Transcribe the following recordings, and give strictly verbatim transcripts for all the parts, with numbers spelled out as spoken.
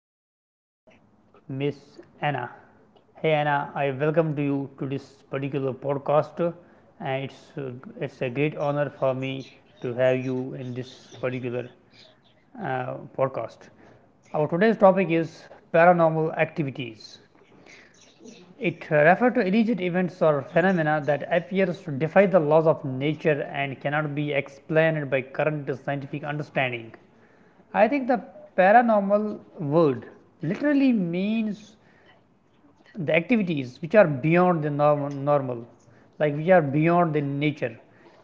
Namely Miss Anna. Hey Anna, I welcome to you to this particular podcast, and it's uh, it's a great honor for me to have you in this particular uh, podcast. Our today's topic is paranormal activities. It refers to alleged events or phenomena that appears to defy the laws of nature and cannot be explained by current scientific understanding. I think the paranormal word literally means the activities which are beyond the norm- normal, like which are beyond the nature,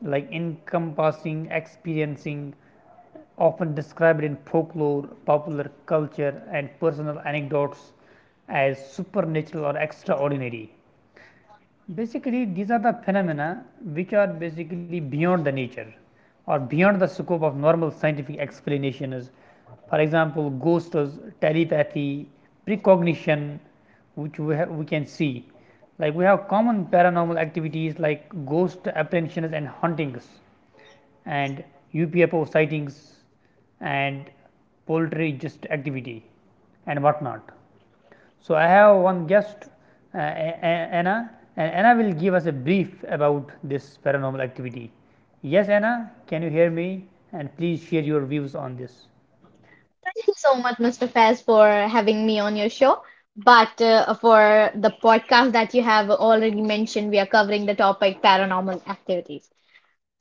like encompassing, experiencing, often described in folklore, popular culture, and personal anecdotes as supernatural or extraordinary. Basically, these are the phenomena which are basically beyond the nature or beyond the scope of normal scientific explanation is for example, ghosts, telepathy, precognition which we, have, we can see, like we have common paranormal activities like ghost apprehensions and hauntings and U F O sightings and poultry just activity and whatnot. So, I have one guest uh, Anna, and Anna will give us a brief about this paranormal activity. Yes Anna, can you hear me and please share your views on this. Thank you so much, mister Faiz, for having me on your show. But uh, for the podcast that you have already mentioned, we are covering the topic paranormal activities.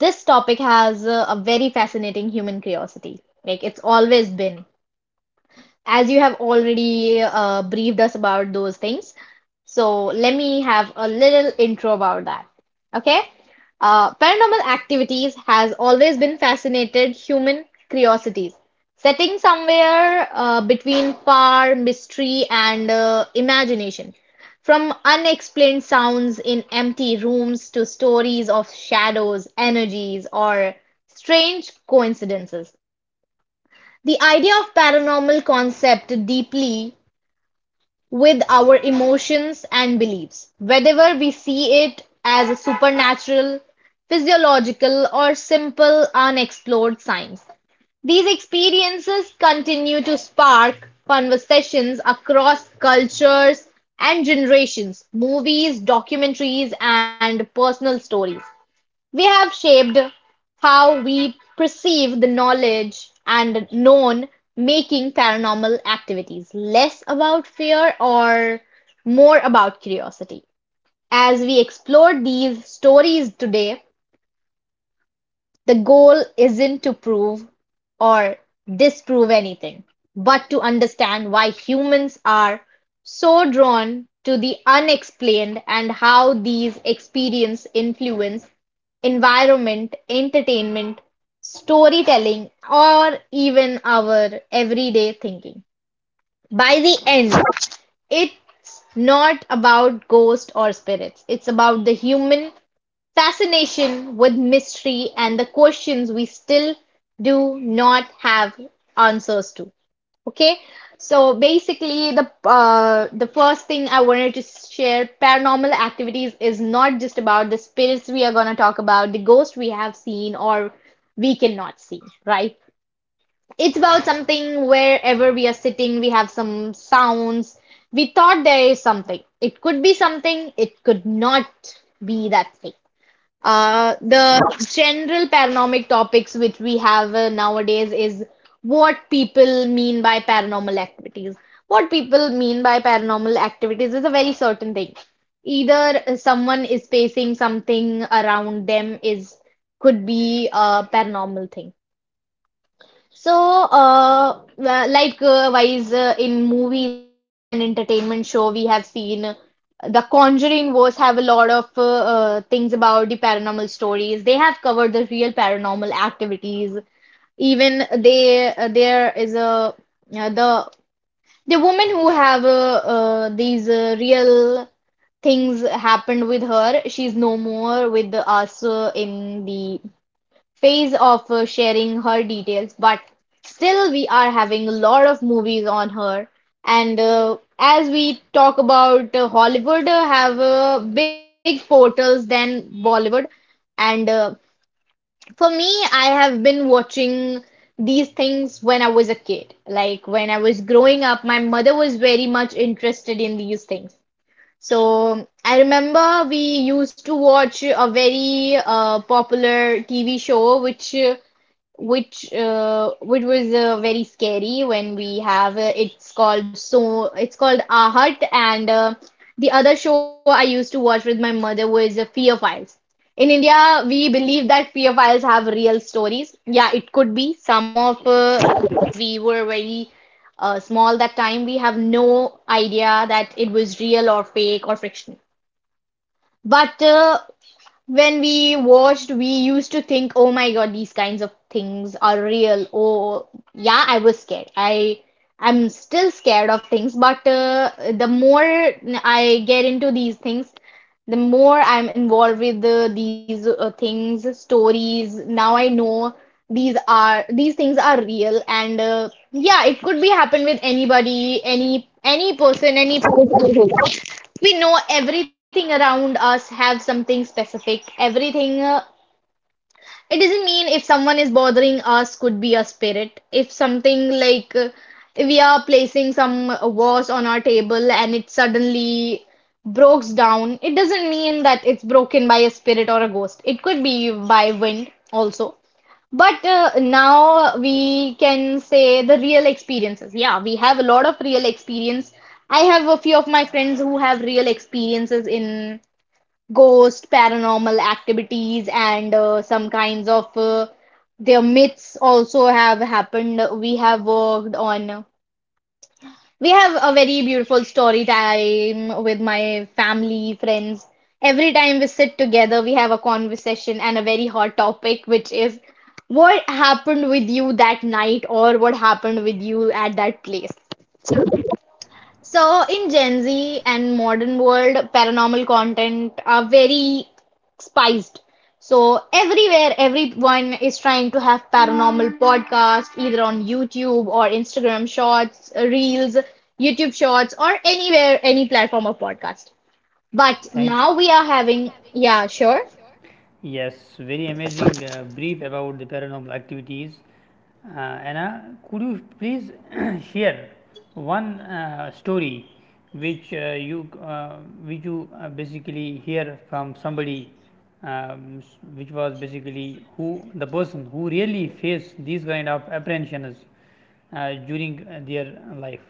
This topic has uh, a very fascinating human curiosity. Like it's always been as you have already uh, briefed us about those things. So let me have a little intro about that. Okay? Uh, paranormal activities has always been fascinated human curiosities. Setting somewhere uh, between power, mystery, and uh, imagination. From unexplained sounds in empty rooms to stories of shadows, energies, or strange coincidences. The idea of paranormal concept deeply with our emotions and beliefs, whether we see it as a supernatural, physiological, or simple unexplored science. These experiences continue to spark conversations across cultures and generations, movies, documentaries, and personal stories. They have shaped how we perceive the knowledge and known, making paranormal activities less about fear or more about curiosity. As we explore these stories today, the goal isn't to prove or disprove anything, but to understand why humans are so drawn to the unexplained and how these experiences influence environment, entertainment, storytelling, or even our everyday thinking. By the end, it's not about ghosts or spirits, it's about the human fascination with mystery and the questions we still do not have answers to. Okay, so basically, the uh, the first thing I wanted to share, paranormal activities is not just about the spirits we are gonna talk about, the ghosts we have seen or we cannot see, right? It's about something wherever we are sitting, we have some sounds. We thought there is something. It could be something, it could not be that thing. Uh, the general paranormal topics which we have uh, nowadays is what people mean by paranormal activities. What people mean by paranormal activities is a very certain thing. Either someone is facing something around them is could be a paranormal thing. So, uh, uh, like uh, wise uh, in movies and entertainment show, we have seen uh, the Conjuring was have a lot of uh, uh, things about the paranormal stories. They have covered the real paranormal activities. Even they uh, there is a uh, the the woman who have uh, uh, these uh, real things happened with her. She's no more with us uh, in the phase of uh, sharing her details, but still we are having a lot of movies on her. And uh, as we talk about uh, Hollywood uh, have uh, big portals than Bollywood. And uh, for me, I have been watching these things when I was a kid. Like when I was growing up, my mother was very much interested in these things. So I remember we used to watch a very uh, popular T V show which uh, which uh, which was uh, very scary when we have uh, it's called so it's called Our Hut and uh, the other show I used to watch with my mother was uh, Fear Files. In India, we believe that Fear Files have real stories. Yeah, it could be. Some of uh, we were very uh, small that time. We have no idea that it was real or fake or fiction. But uh, when we watched, we used to think, oh my God, these kinds of things are real. Oh, yeah, I was scared. I I'm still scared of things, but uh, the more I get into these things, the more I'm involved with the, these uh, things, stories. Now I know these are these things are real, and uh, yeah, it could be happen with anybody, any any person, any person. We know everything around us have something specific, everything, uh, it doesn't mean if someone is bothering us could be a spirit. If something like uh, we are placing some vase on our table and it suddenly breaks down, it doesn't mean that it's broken by a spirit or a ghost. It could be by wind also, but uh, now we can say the real experiences. Yeah, we have a lot of real experience. I have a few of my friends who have real experiences in ghost, paranormal activities, and uh, some kinds of uh, their myths also have happened. We have worked on. We have a very beautiful story time with my family, friends. Every time we sit together, we have a conversation and a very hot topic, which is what happened with you that night or what happened with you at that place. So so in Gen Z and modern world, paranormal content are very spiced. So everywhere, everyone is trying to have paranormal podcast, either on YouTube or Instagram Shorts, Reels, YouTube Shorts, or anywhere, any platform of podcast. But Thank. now we are having, yeah, sure. Yes, very amazing uh, brief about the paranormal activities. Uh, Anna, could you please share one uh, story which uh, you uh, which you uh, basically hear from somebody, um, which was basically who the person who really faced these kind of apprehensions uh, during uh, their life.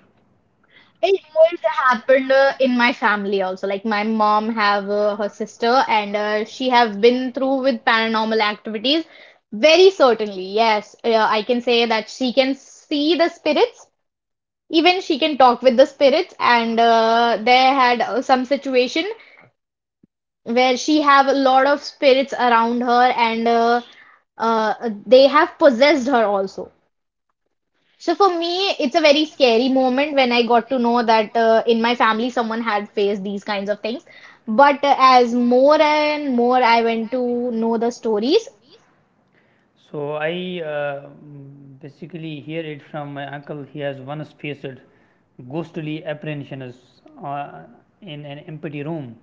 It always happened uh, in my family also. Like my mom have uh, her sister and uh, she have been through with paranormal activities. Very certainly, yes. Uh, I can say that she can see the spirits. Even she can talk with the spirits. And uh, they had uh, some situation where she have a lot of spirits around her and uh, uh, they have possessed her also. So for me, it's a very scary moment when I got to know that uh, in my family someone had faced these kinds of things. But uh, as more and more I went to know the stories, So I uh, mm, basically hear it from my uncle. He has once faced ghostly apprehensions uh, in an empty room.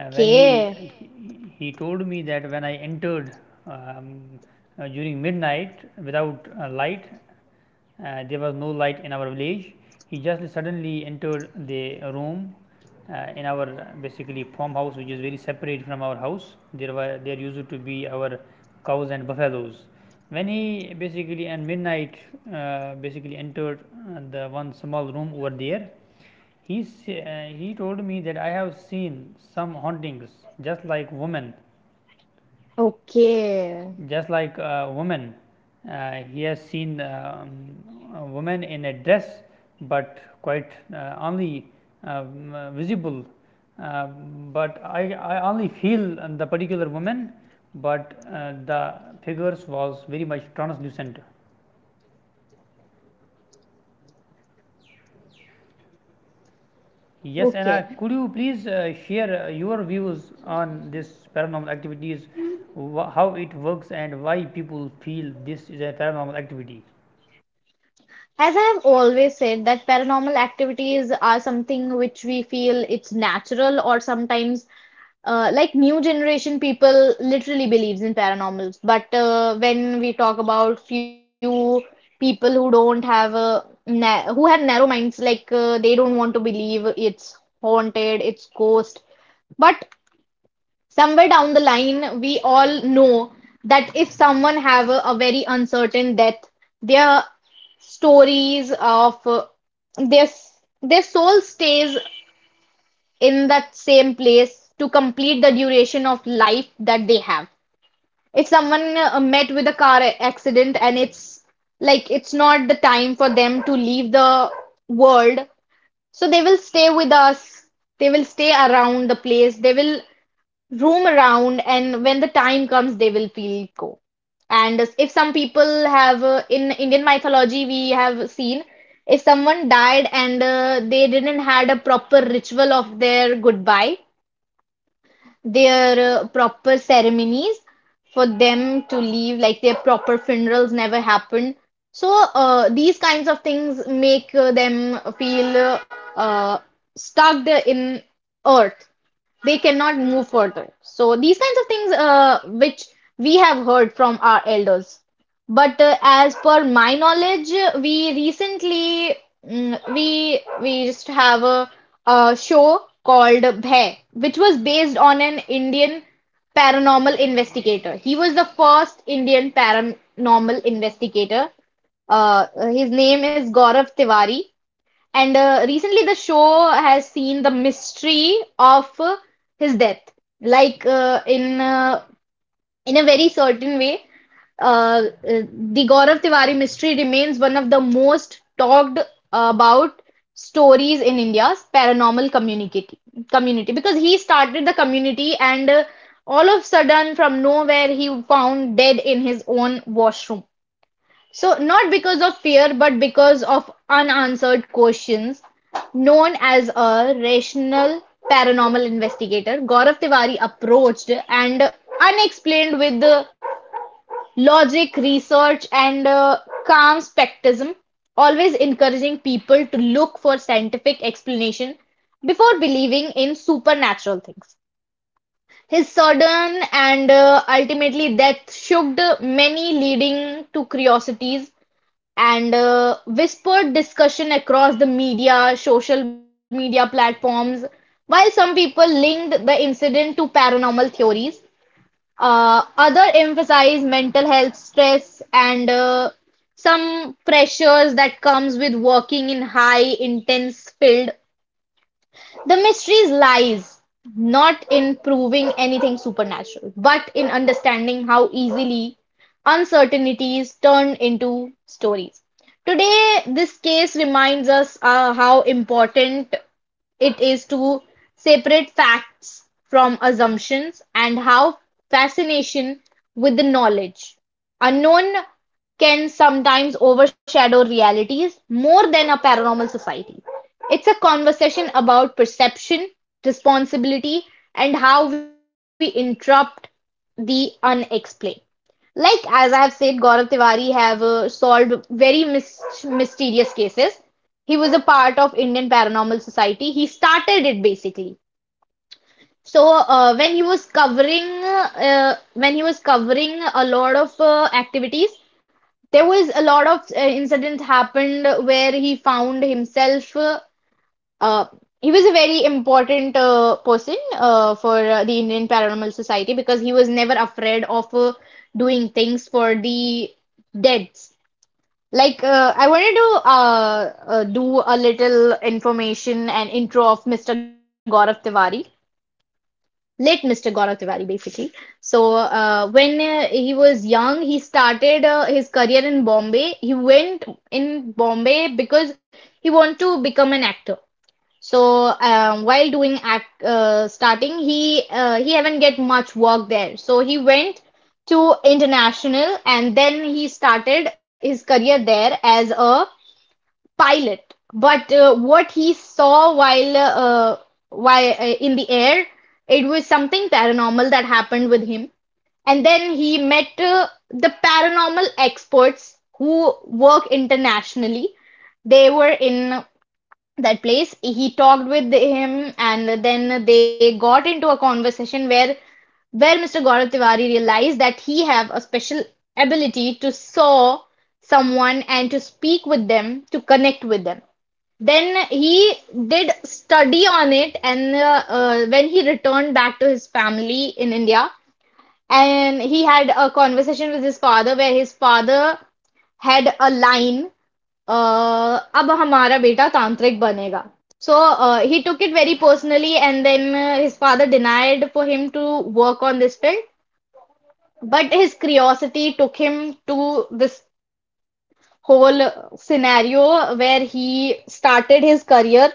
Uh, when he, he he told me that when I entered, um, uh, during midnight without uh, light, uh, there was no light in our village. He just suddenly entered the room uh, in our uh, basically farmhouse, which is very separate from our house. There were there used to be our cows and buffaloes. When he basically at midnight uh, basically entered uh, the one small room over there, he, s- uh, he told me that I have seen some hauntings, just like women, okay, just like a woman. Uh, he has seen um, a woman in a dress, but quite uh, only um, uh, visible. Uh, but I, I only feel the particular woman, but uh, the figures was very much translucent. Yes, okay. Anna, could you please uh, share uh, your views on this paranormal activities, wh- how it works, and why people feel this is a paranormal activity? As I have always said, that paranormal activities are something which we feel it's natural or sometimes uh, like new generation people literally believes in paranormals, but uh, when we talk about few people who don't have a na who have narrow minds, like uh, they don't want to believe it's haunted, it's ghost, but somewhere down the line we all know that if someone have a, a very uncertain death, their stories of uh, their their soul stays in that same place to complete the duration of life that they have. If someone uh, met with a car accident and it's like it's not the time for them to leave the world, so they will stay with us, they will stay around the place, they will roam around, and when the time comes, they will feel go. And if some people have uh, in Indian mythology, we have seen if someone died and uh, they didn't had a proper ritual of their goodbye, their uh, proper ceremonies for them to leave, like their proper funerals never happened. So uh, these kinds of things make uh, them feel uh, uh, stuck in earth, they cannot move further. So these kinds of things uh, which we have heard from our elders. But uh, as per my knowledge, uh, we recently mm, we we just have a, a show called Bhay, which was based on an Indian paranormal investigator. He was the first Indian paranormal investigator. Uh, his name is Gaurav Tiwari, and uh, recently, the show has seen the mystery of uh, his death, like uh, in uh, in a very certain way. Uh, uh, the Gaurav Tiwari mystery remains one of the most talked about stories in India's paranormal community community because he started the community and uh, all of a sudden from nowhere he found dead in his own washroom. So, not because of fear, but because of unanswered questions. Known as a rational paranormal investigator, Gaurav Tiwari approached and unexplained with the logic, research, and uh, calm skepticism, always encouraging people to look for scientific explanation before believing in supernatural things. His sudden and uh, ultimately death shocked many, leading to curiosities and uh, whispered discussion across the media, social media platforms. While some people linked the incident to paranormal theories, uh, other emphasized mental health stress and uh, some pressures that comes with working in high intense field. The mystery lies not in proving anything supernatural, but in understanding how easily uncertainties turn into stories. Today, this case reminds us uh, how important it is to separate facts from assumptions and how fascination with the knowledge unknown can sometimes overshadow realities more than a paranormal society. It's a conversation about perception, responsibility, and how we interrupt the unexplained. Like as I have said, Gaurav Tiwari have uh, solved very mis mysterious cases, he was a part of Indian Paranormal Society. He started it basically. So uh, when he was covering uh, when he was covering a lot of uh, activities, there was a lot of uh, incidents happened where he found himself. Uh, uh, he was a very important uh, person uh, for uh, the Indian Paranormal Society because he was never afraid of uh, doing things for the deads. Like, uh, I wanted to uh, uh, do a little information and intro of mister Gaurav Tiwari, late mister Gaurav Tiwari, basically. So, uh, when uh, he was young, he started uh, his career in Bombay. He went in Bombay because he wanted to become an actor. So, um, while doing act uh, starting, he uh, he haven't get much work there. So he went to international, and then he started his career there as a pilot. But uh, what he saw while uh, while uh, in the air, it was something paranormal that happened with him. And then he met uh, the paranormal experts who work internationally. They were in that place. He talked with him, and then they got into a conversation where where mister Gaurav Tiwari realized that he have a special ability to saw someone and to speak with them, to connect with them. Then he did study on it, and uh, uh, when he returned back to his family in India, and he had a conversation with his father where his father had a line, uh, "अब हमारा बेटा तांत्रिक बनेगा." So uh, he took it very personally, and then uh, his father denied for him to work on this field. But his curiosity took him to this whole scenario where he started his career,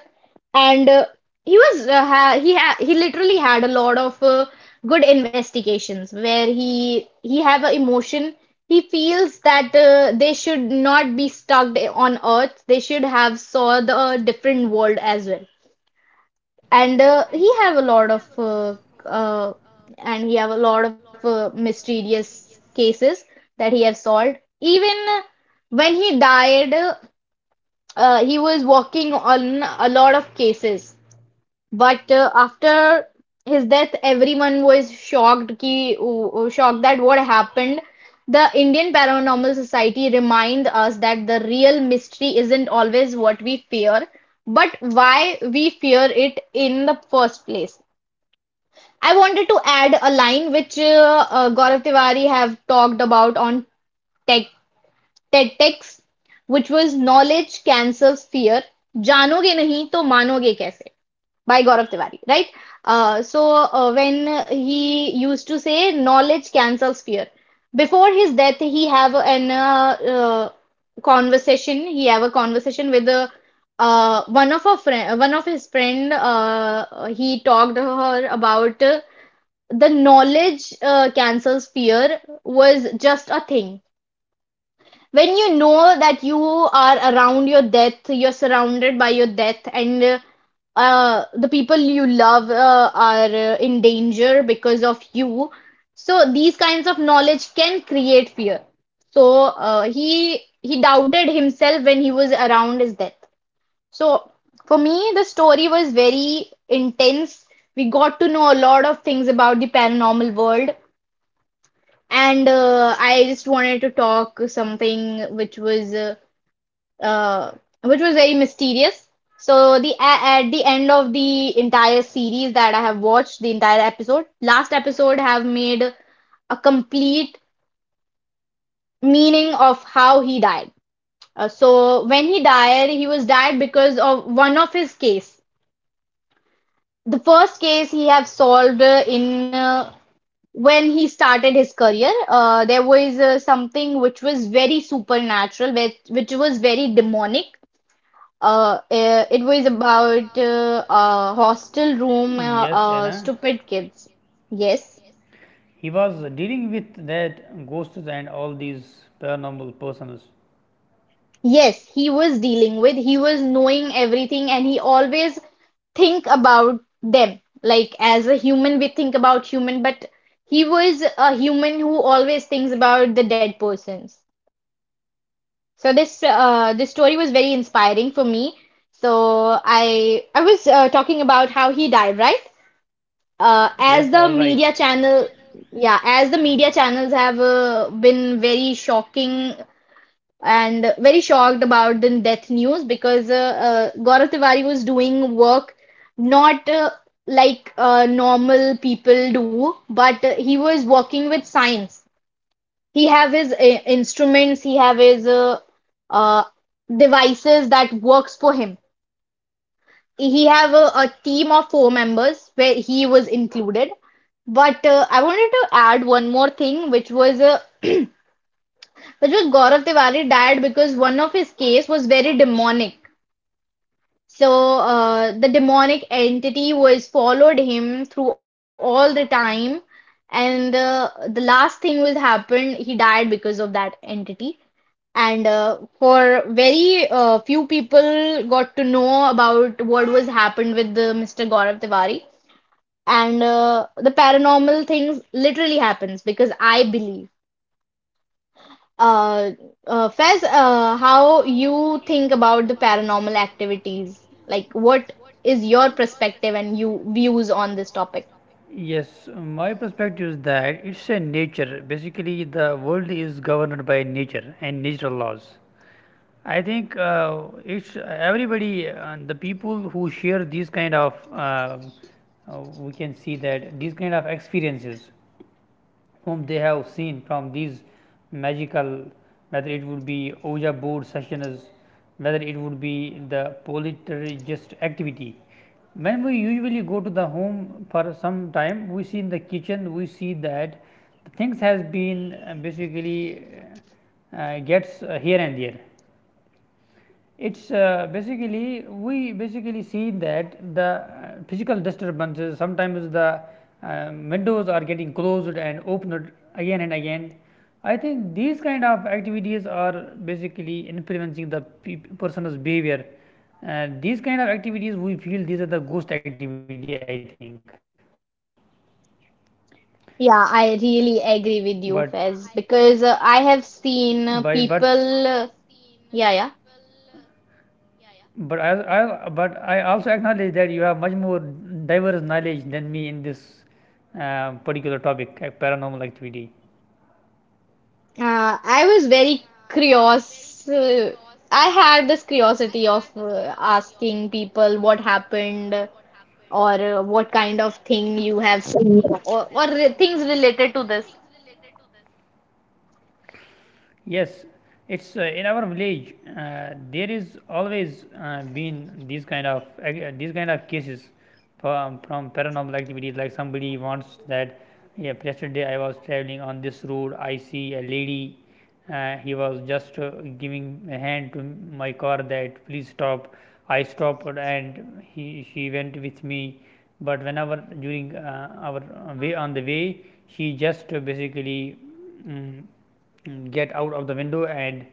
and uh, he was uh, ha he ha he literally had a lot of uh, good investigations where he he have a emotion. He feels that uh, they should not be stuck on earth, they should have saw the uh, different world as well. And uh, he have a lot of uh, uh, and he have a lot of uh, mysterious cases that he have solved. Even when he died, uh, uh, he was working on a lot of cases. But uh, after his death, everyone was shocked ki, uh, shocked that what happened. The Indian Paranormal Society remind us that the real mystery isn't always what we fear, but why we fear it in the first place. I wanted to add a line which uh, uh, Gaurav Tiwari have talked about on Tech Tactics, which was knowledge cancels fear. जानोगे नहीं तो मानोगे कैसे? By Gaurav Tiwari, right? Uh, so uh, when he used to say knowledge cancels fear. Before his death, he have an uh, uh, conversation. He have a conversation with the uh, one of a friend, one of his friend. Uh, he talked to her about uh, the knowledge uh, cancels fear was just a thing. When you know that you are around your death, you're surrounded by your death, and uh, uh, the people you love uh, are uh, in danger because of you. So these kinds of knowledge can create fear. So uh, he he doubted himself when he was around his death. So for me, the story was very intense. We got to know a lot of things about the paranormal world, and uh, I just wanted to talk something which was uh, uh, which was very mysterious. So the at the end of the entire series that I have watched, the entire episode, last episode have made a complete meaning of how he died. Uh, so when he died, he was died because of one of his case. The first case he have solved uh, in uh, when he started his career. Uh, there was uh, something which was very supernatural, which, which was very demonic. Uh, eh, it was about uh, a hostel room, uh, Yes, uh, Anna. stupid kids. Yes, He was dealing with that ghosts and all these paranormal persons. Uh, yes, he was dealing with, he was knowing everything, and he always think about them. Like as a human, we think about human, but he was a human who always thinks about the dead persons. So this uh, this story was very inspiring for me. So I I was uh, talking about how he died, right? uh, as Yes, the all right. media channel, yeah, as the media channels have uh, been very shocking and very shocked about the death news, because uh, uh, Gaurav Tiwari was doing work not uh, like uh, normal people do, but uh, he was working with science. He have his uh, instruments, he have his uh, uh, devices that works for him. He have a, a team of four members where he was included. But uh, I wanted to add one more thing, which was uh, which was Gaurav Tiwari died because one of his case was very demonic. So uh, the demonic entity was followed him through all the time, and uh, the last thing was happened. He died because of that entity, and uh, for very uh, few people got to know about what was happened with the mister Gaurav Tiwari. And uh, the paranormal things literally happens, because I believe. Uh, uh, Fez, uh, how you think about the paranormal activities? Like, what is your perspective and you views on this topic? Yes, my perspective is that it's a nature. Basically, the world is governed by nature and natural laws. I think uh, it's everybody, uh, the people who share these kind of, uh, uh, we can see that these kind of experiences whom they have seen from these magical, whether it would be Ouija board sessions, whether it would be the poltergeist activity. When we usually go to the home for some time, we see in the kitchen, we see that the things has been uh, basically uh, uh, gets uh, here and there. It is uh, basically we basically see that the uh, physical disturbances sometimes the uh, windows are getting closed and opened again and again. I think these kind of activities are basically influencing the peop person's behavior. Uh, these kind of activities we feel these are the ghost activity I think. Yeah, But I really agree with you, Fez, because by uh, I but have seen uh, people. Uh, uh, yeah, yeah. But I, I, but I also acknowledge that you have much more diverse knowledge than me in this uh, particular topic, uh, paranormal activity. Uh, I was very curious. Uh, I had this curiosity of uh, asking people what happened or uh, what kind of thing you have seen, or, or re- things related to this. Yes, it's uh, in our village. Uh, there is always uh, been these kind of uh, these kind of cases from, from paranormal activities. Like somebody wants that. Yeah, yesterday I was traveling on this road. I see a lady, uh, he was just uh, giving a hand to my car that please stop. I stopped and he, she went with me, but whenever during uh, our way on the way she just uh, basically, um, get out of the window, and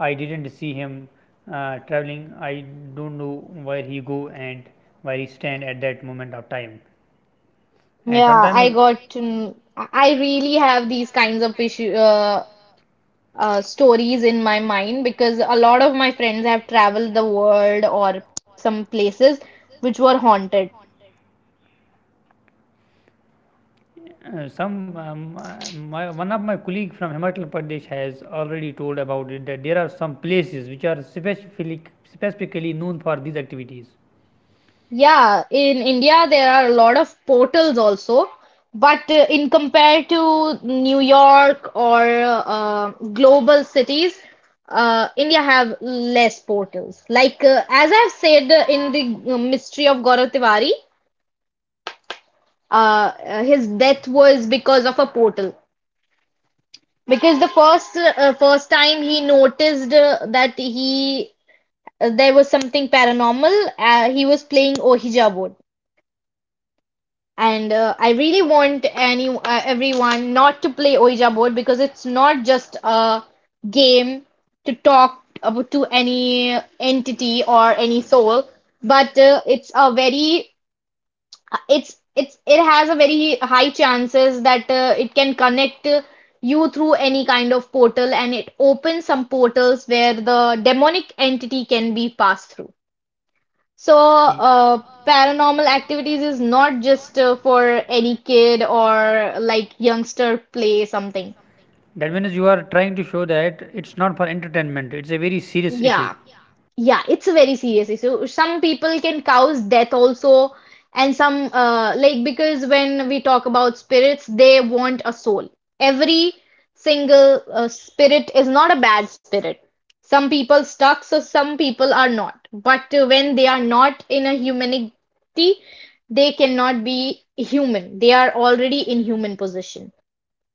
I didn't see him uh, traveling. I don't know where he go and where he stand at that moment of time. And Yeah, I sometimes. got mm, I I really have these kinds of issue, uh, uh, stories in my mind, because a lot of my friends have traveled the world or some places which were haunted. Uh, some um, uh, my, one of my colleague from Himachal Pradesh has already told about it that there are some places which are specifically specifically known for these activities. Yeah, in India there are a lot of portals also, but uh, in compared to New York or uh, global cities, uh, India have less portals. Like uh, as I've said uh, in the uh, mystery of Gaurav Tiwari, uh, uh, his death was because of a portal. Because the first uh, uh, first time he noticed uh, that he uh, there was something paranormal, uh, he was playing Ohija board. And uh, I really want any uh, everyone not to play Ouija board, because it's not just a game to talk about to any entity or any soul, but uh, it's a very it's it's it has a very high chances that uh, it can connect uh, you through any kind of portal, and it opens some portals where the demonic entity can be passed through. So, Y- uh, paranormal activities is not just uh, for any kid or like youngster play something. That means you are trying to show that it's not for entertainment. It's a very serious issue. Yeah. Yeah, it's a very serious issue. Some people can cause death also, and some uh, like because when we talk about spirits, they want a soul. Every single uh, spirit is not a bad spirit. Some people stuck, so some people are not. But uh, when they are not in a humanity, they cannot be human. They are already in human position,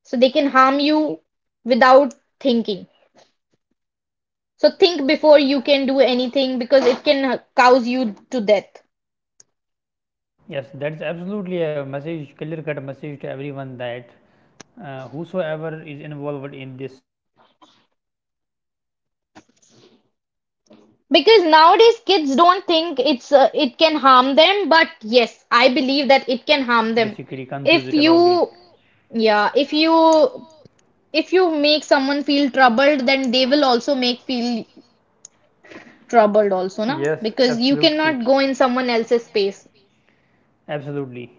so they can harm you without thinking. So think before you can do anything, because it can cause you to death. Yes, that's absolutely a message, clear cut message to everyone that uh, whosoever is involved in this, please be patient, please be calm at Because that moment of nowadays time, kids don't think because never it's do uh, that it kind can of harm activity them, but which yes, nature I believe gets that it can harm them. basically If confused about it. you yeah, if you if you make someone feel troubled, then they will also make feel troubled also, na? Yes, Because you absolutely. cannot go in someone else's space. Absolutely.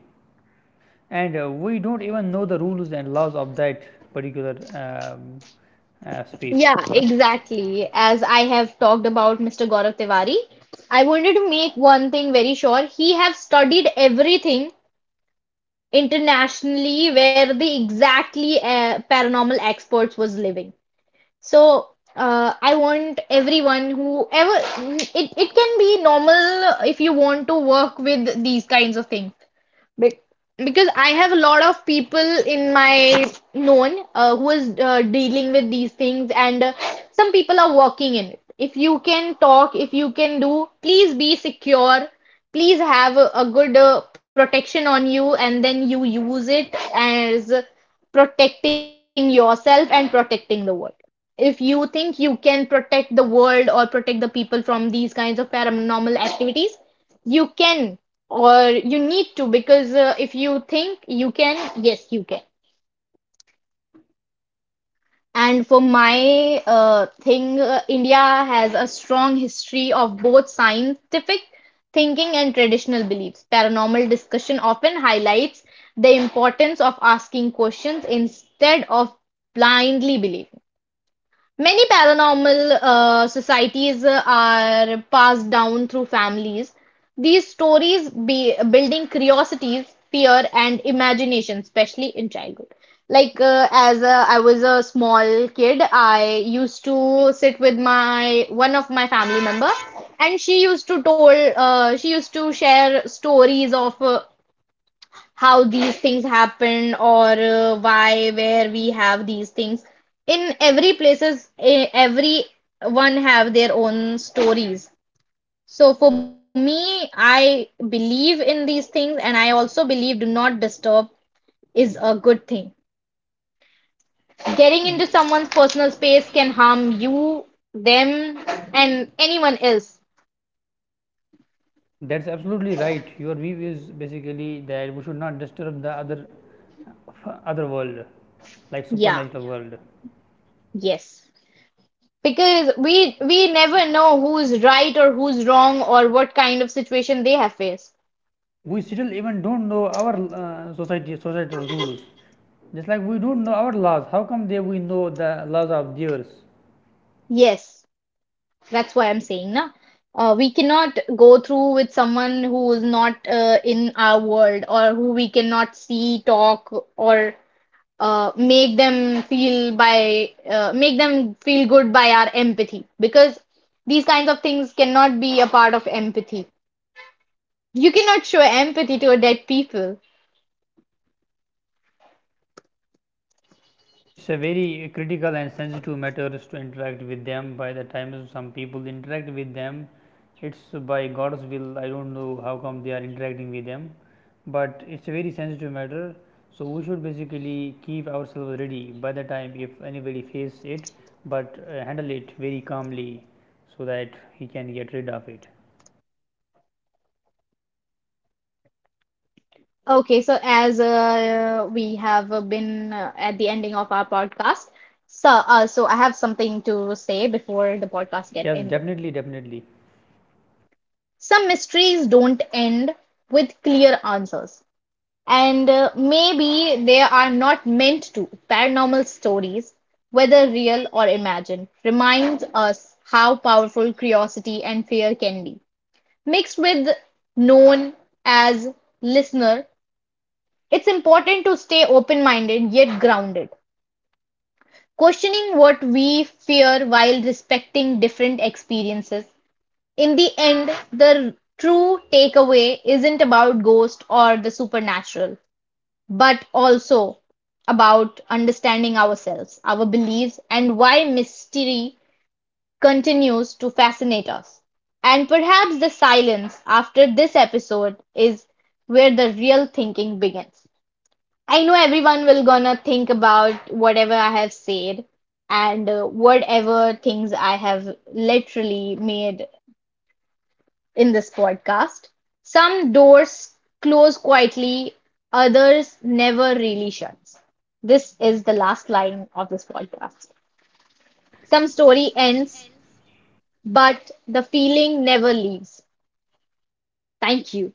And uh, we don't even know the rules and laws of that particular um, uh, space. Yeah, exactly. As I have talked about mister Gaurav Tiwari, I wanted to make one thing very sure. He have studied everything internationally where the exactly uh, paranormal experts was living. So uh, I want everyone who ever it, it can be normal if you want to work with these kinds of things. Be because I have a lot of people in my known uh, who is uh, dealing with these things, and uh, some people are working in it. If you can talk, if you can do, please be secure. Please have a, a good uh, protection on you, and then you use it as protecting yourself and protecting the world. If you think you can protect the world or protect the people from these kinds of paranormal activities, you can or you need to, because uh, if you think you can, yes, you can. And for my uh, thing, uh, India has a strong history of both scientific thinking and traditional beliefs. Paranormal discussion often highlights the importance of asking questions instead of blindly believing. Many paranormal uh, societies uh, are passed down through families. These stories be building curiosities, fear, and imagination, especially in childhood. Like uh, as uh, I was a small kid, I used to sit with my one of my family member, and she used to told uh, she used to share stories of uh, how these things happen, or uh, why, where we have these things. In every places, e- everyone have their own stories. So for me, I believe in these things, and I also believe do not disturb is a good thing. Getting into someone's personal space can harm you, them, and anyone else. That's absolutely right. Your view is basically that we should not disturb the other other world, like Yeah, supernatural world. yes. Because we we never know who's right or who's wrong or what kind of situation they have faced. We still even don't know our uh, society societal rules. Just like we don't know our laws. How come they we know the laws of theirs? Yes, that's why I'm saying na. Uh, we cannot go through with someone who is not uh, in our world, or who we cannot see, talk, or uh, make them feel by uh, make them feel good by our empathy, because these kinds of things cannot be a part of empathy. You cannot show empathy to a dead people. It's a very critical and sensitive matter to interact with them. By the time some people interact with them, it's by God's will. I don't know how come they are interacting with them, but it's a very sensitive matter. So we should basically keep ourselves ready by the time if anybody faces it, but uh, handle it very calmly so that he can get rid of it. Okay, so as uh, we have uh, been uh, at the ending of our podcast, so uh, so I have something to say before the podcast get ended. Yes, definitely, definitely. Some mysteries don't end with clear answers, and uh, maybe they are not meant to. Paranormal stories, whether real or imagined, reminds us how powerful curiosity and fear can be, mixed with known as listener. It's important to stay open-minded yet grounded, questioning what we fear while respecting different experiences. In the end, the true takeaway isn't about ghosts or the supernatural, but also about understanding ourselves, our beliefs, and why mystery continues to fascinate us. And perhaps the silence after this episode is where the real thinking begins. I know everyone will gonna think about whatever I have said, and uh, whatever things I have literally made in this podcast. Some doors close quietly, others never really shuts. This is the last line of this podcast. Some story ends, but the feeling never leaves. Thank you.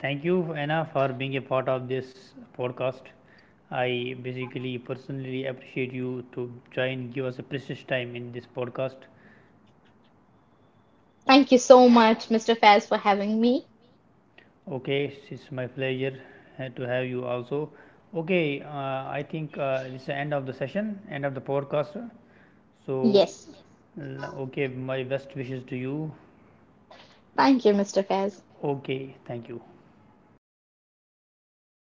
Thank you, Anna, for being a part of this podcast. I basically personally appreciate you to join, give us a precious time in this podcast. Thank you so much, mister Faz, for having me. Okay, it's my pleasure uh, to have you also. Okay, uh, I think uh, this is the end of the session, end of the podcast. So, Yes. l- okay, my best wishes to you. Thank you, mister Faz. Okay, thank you.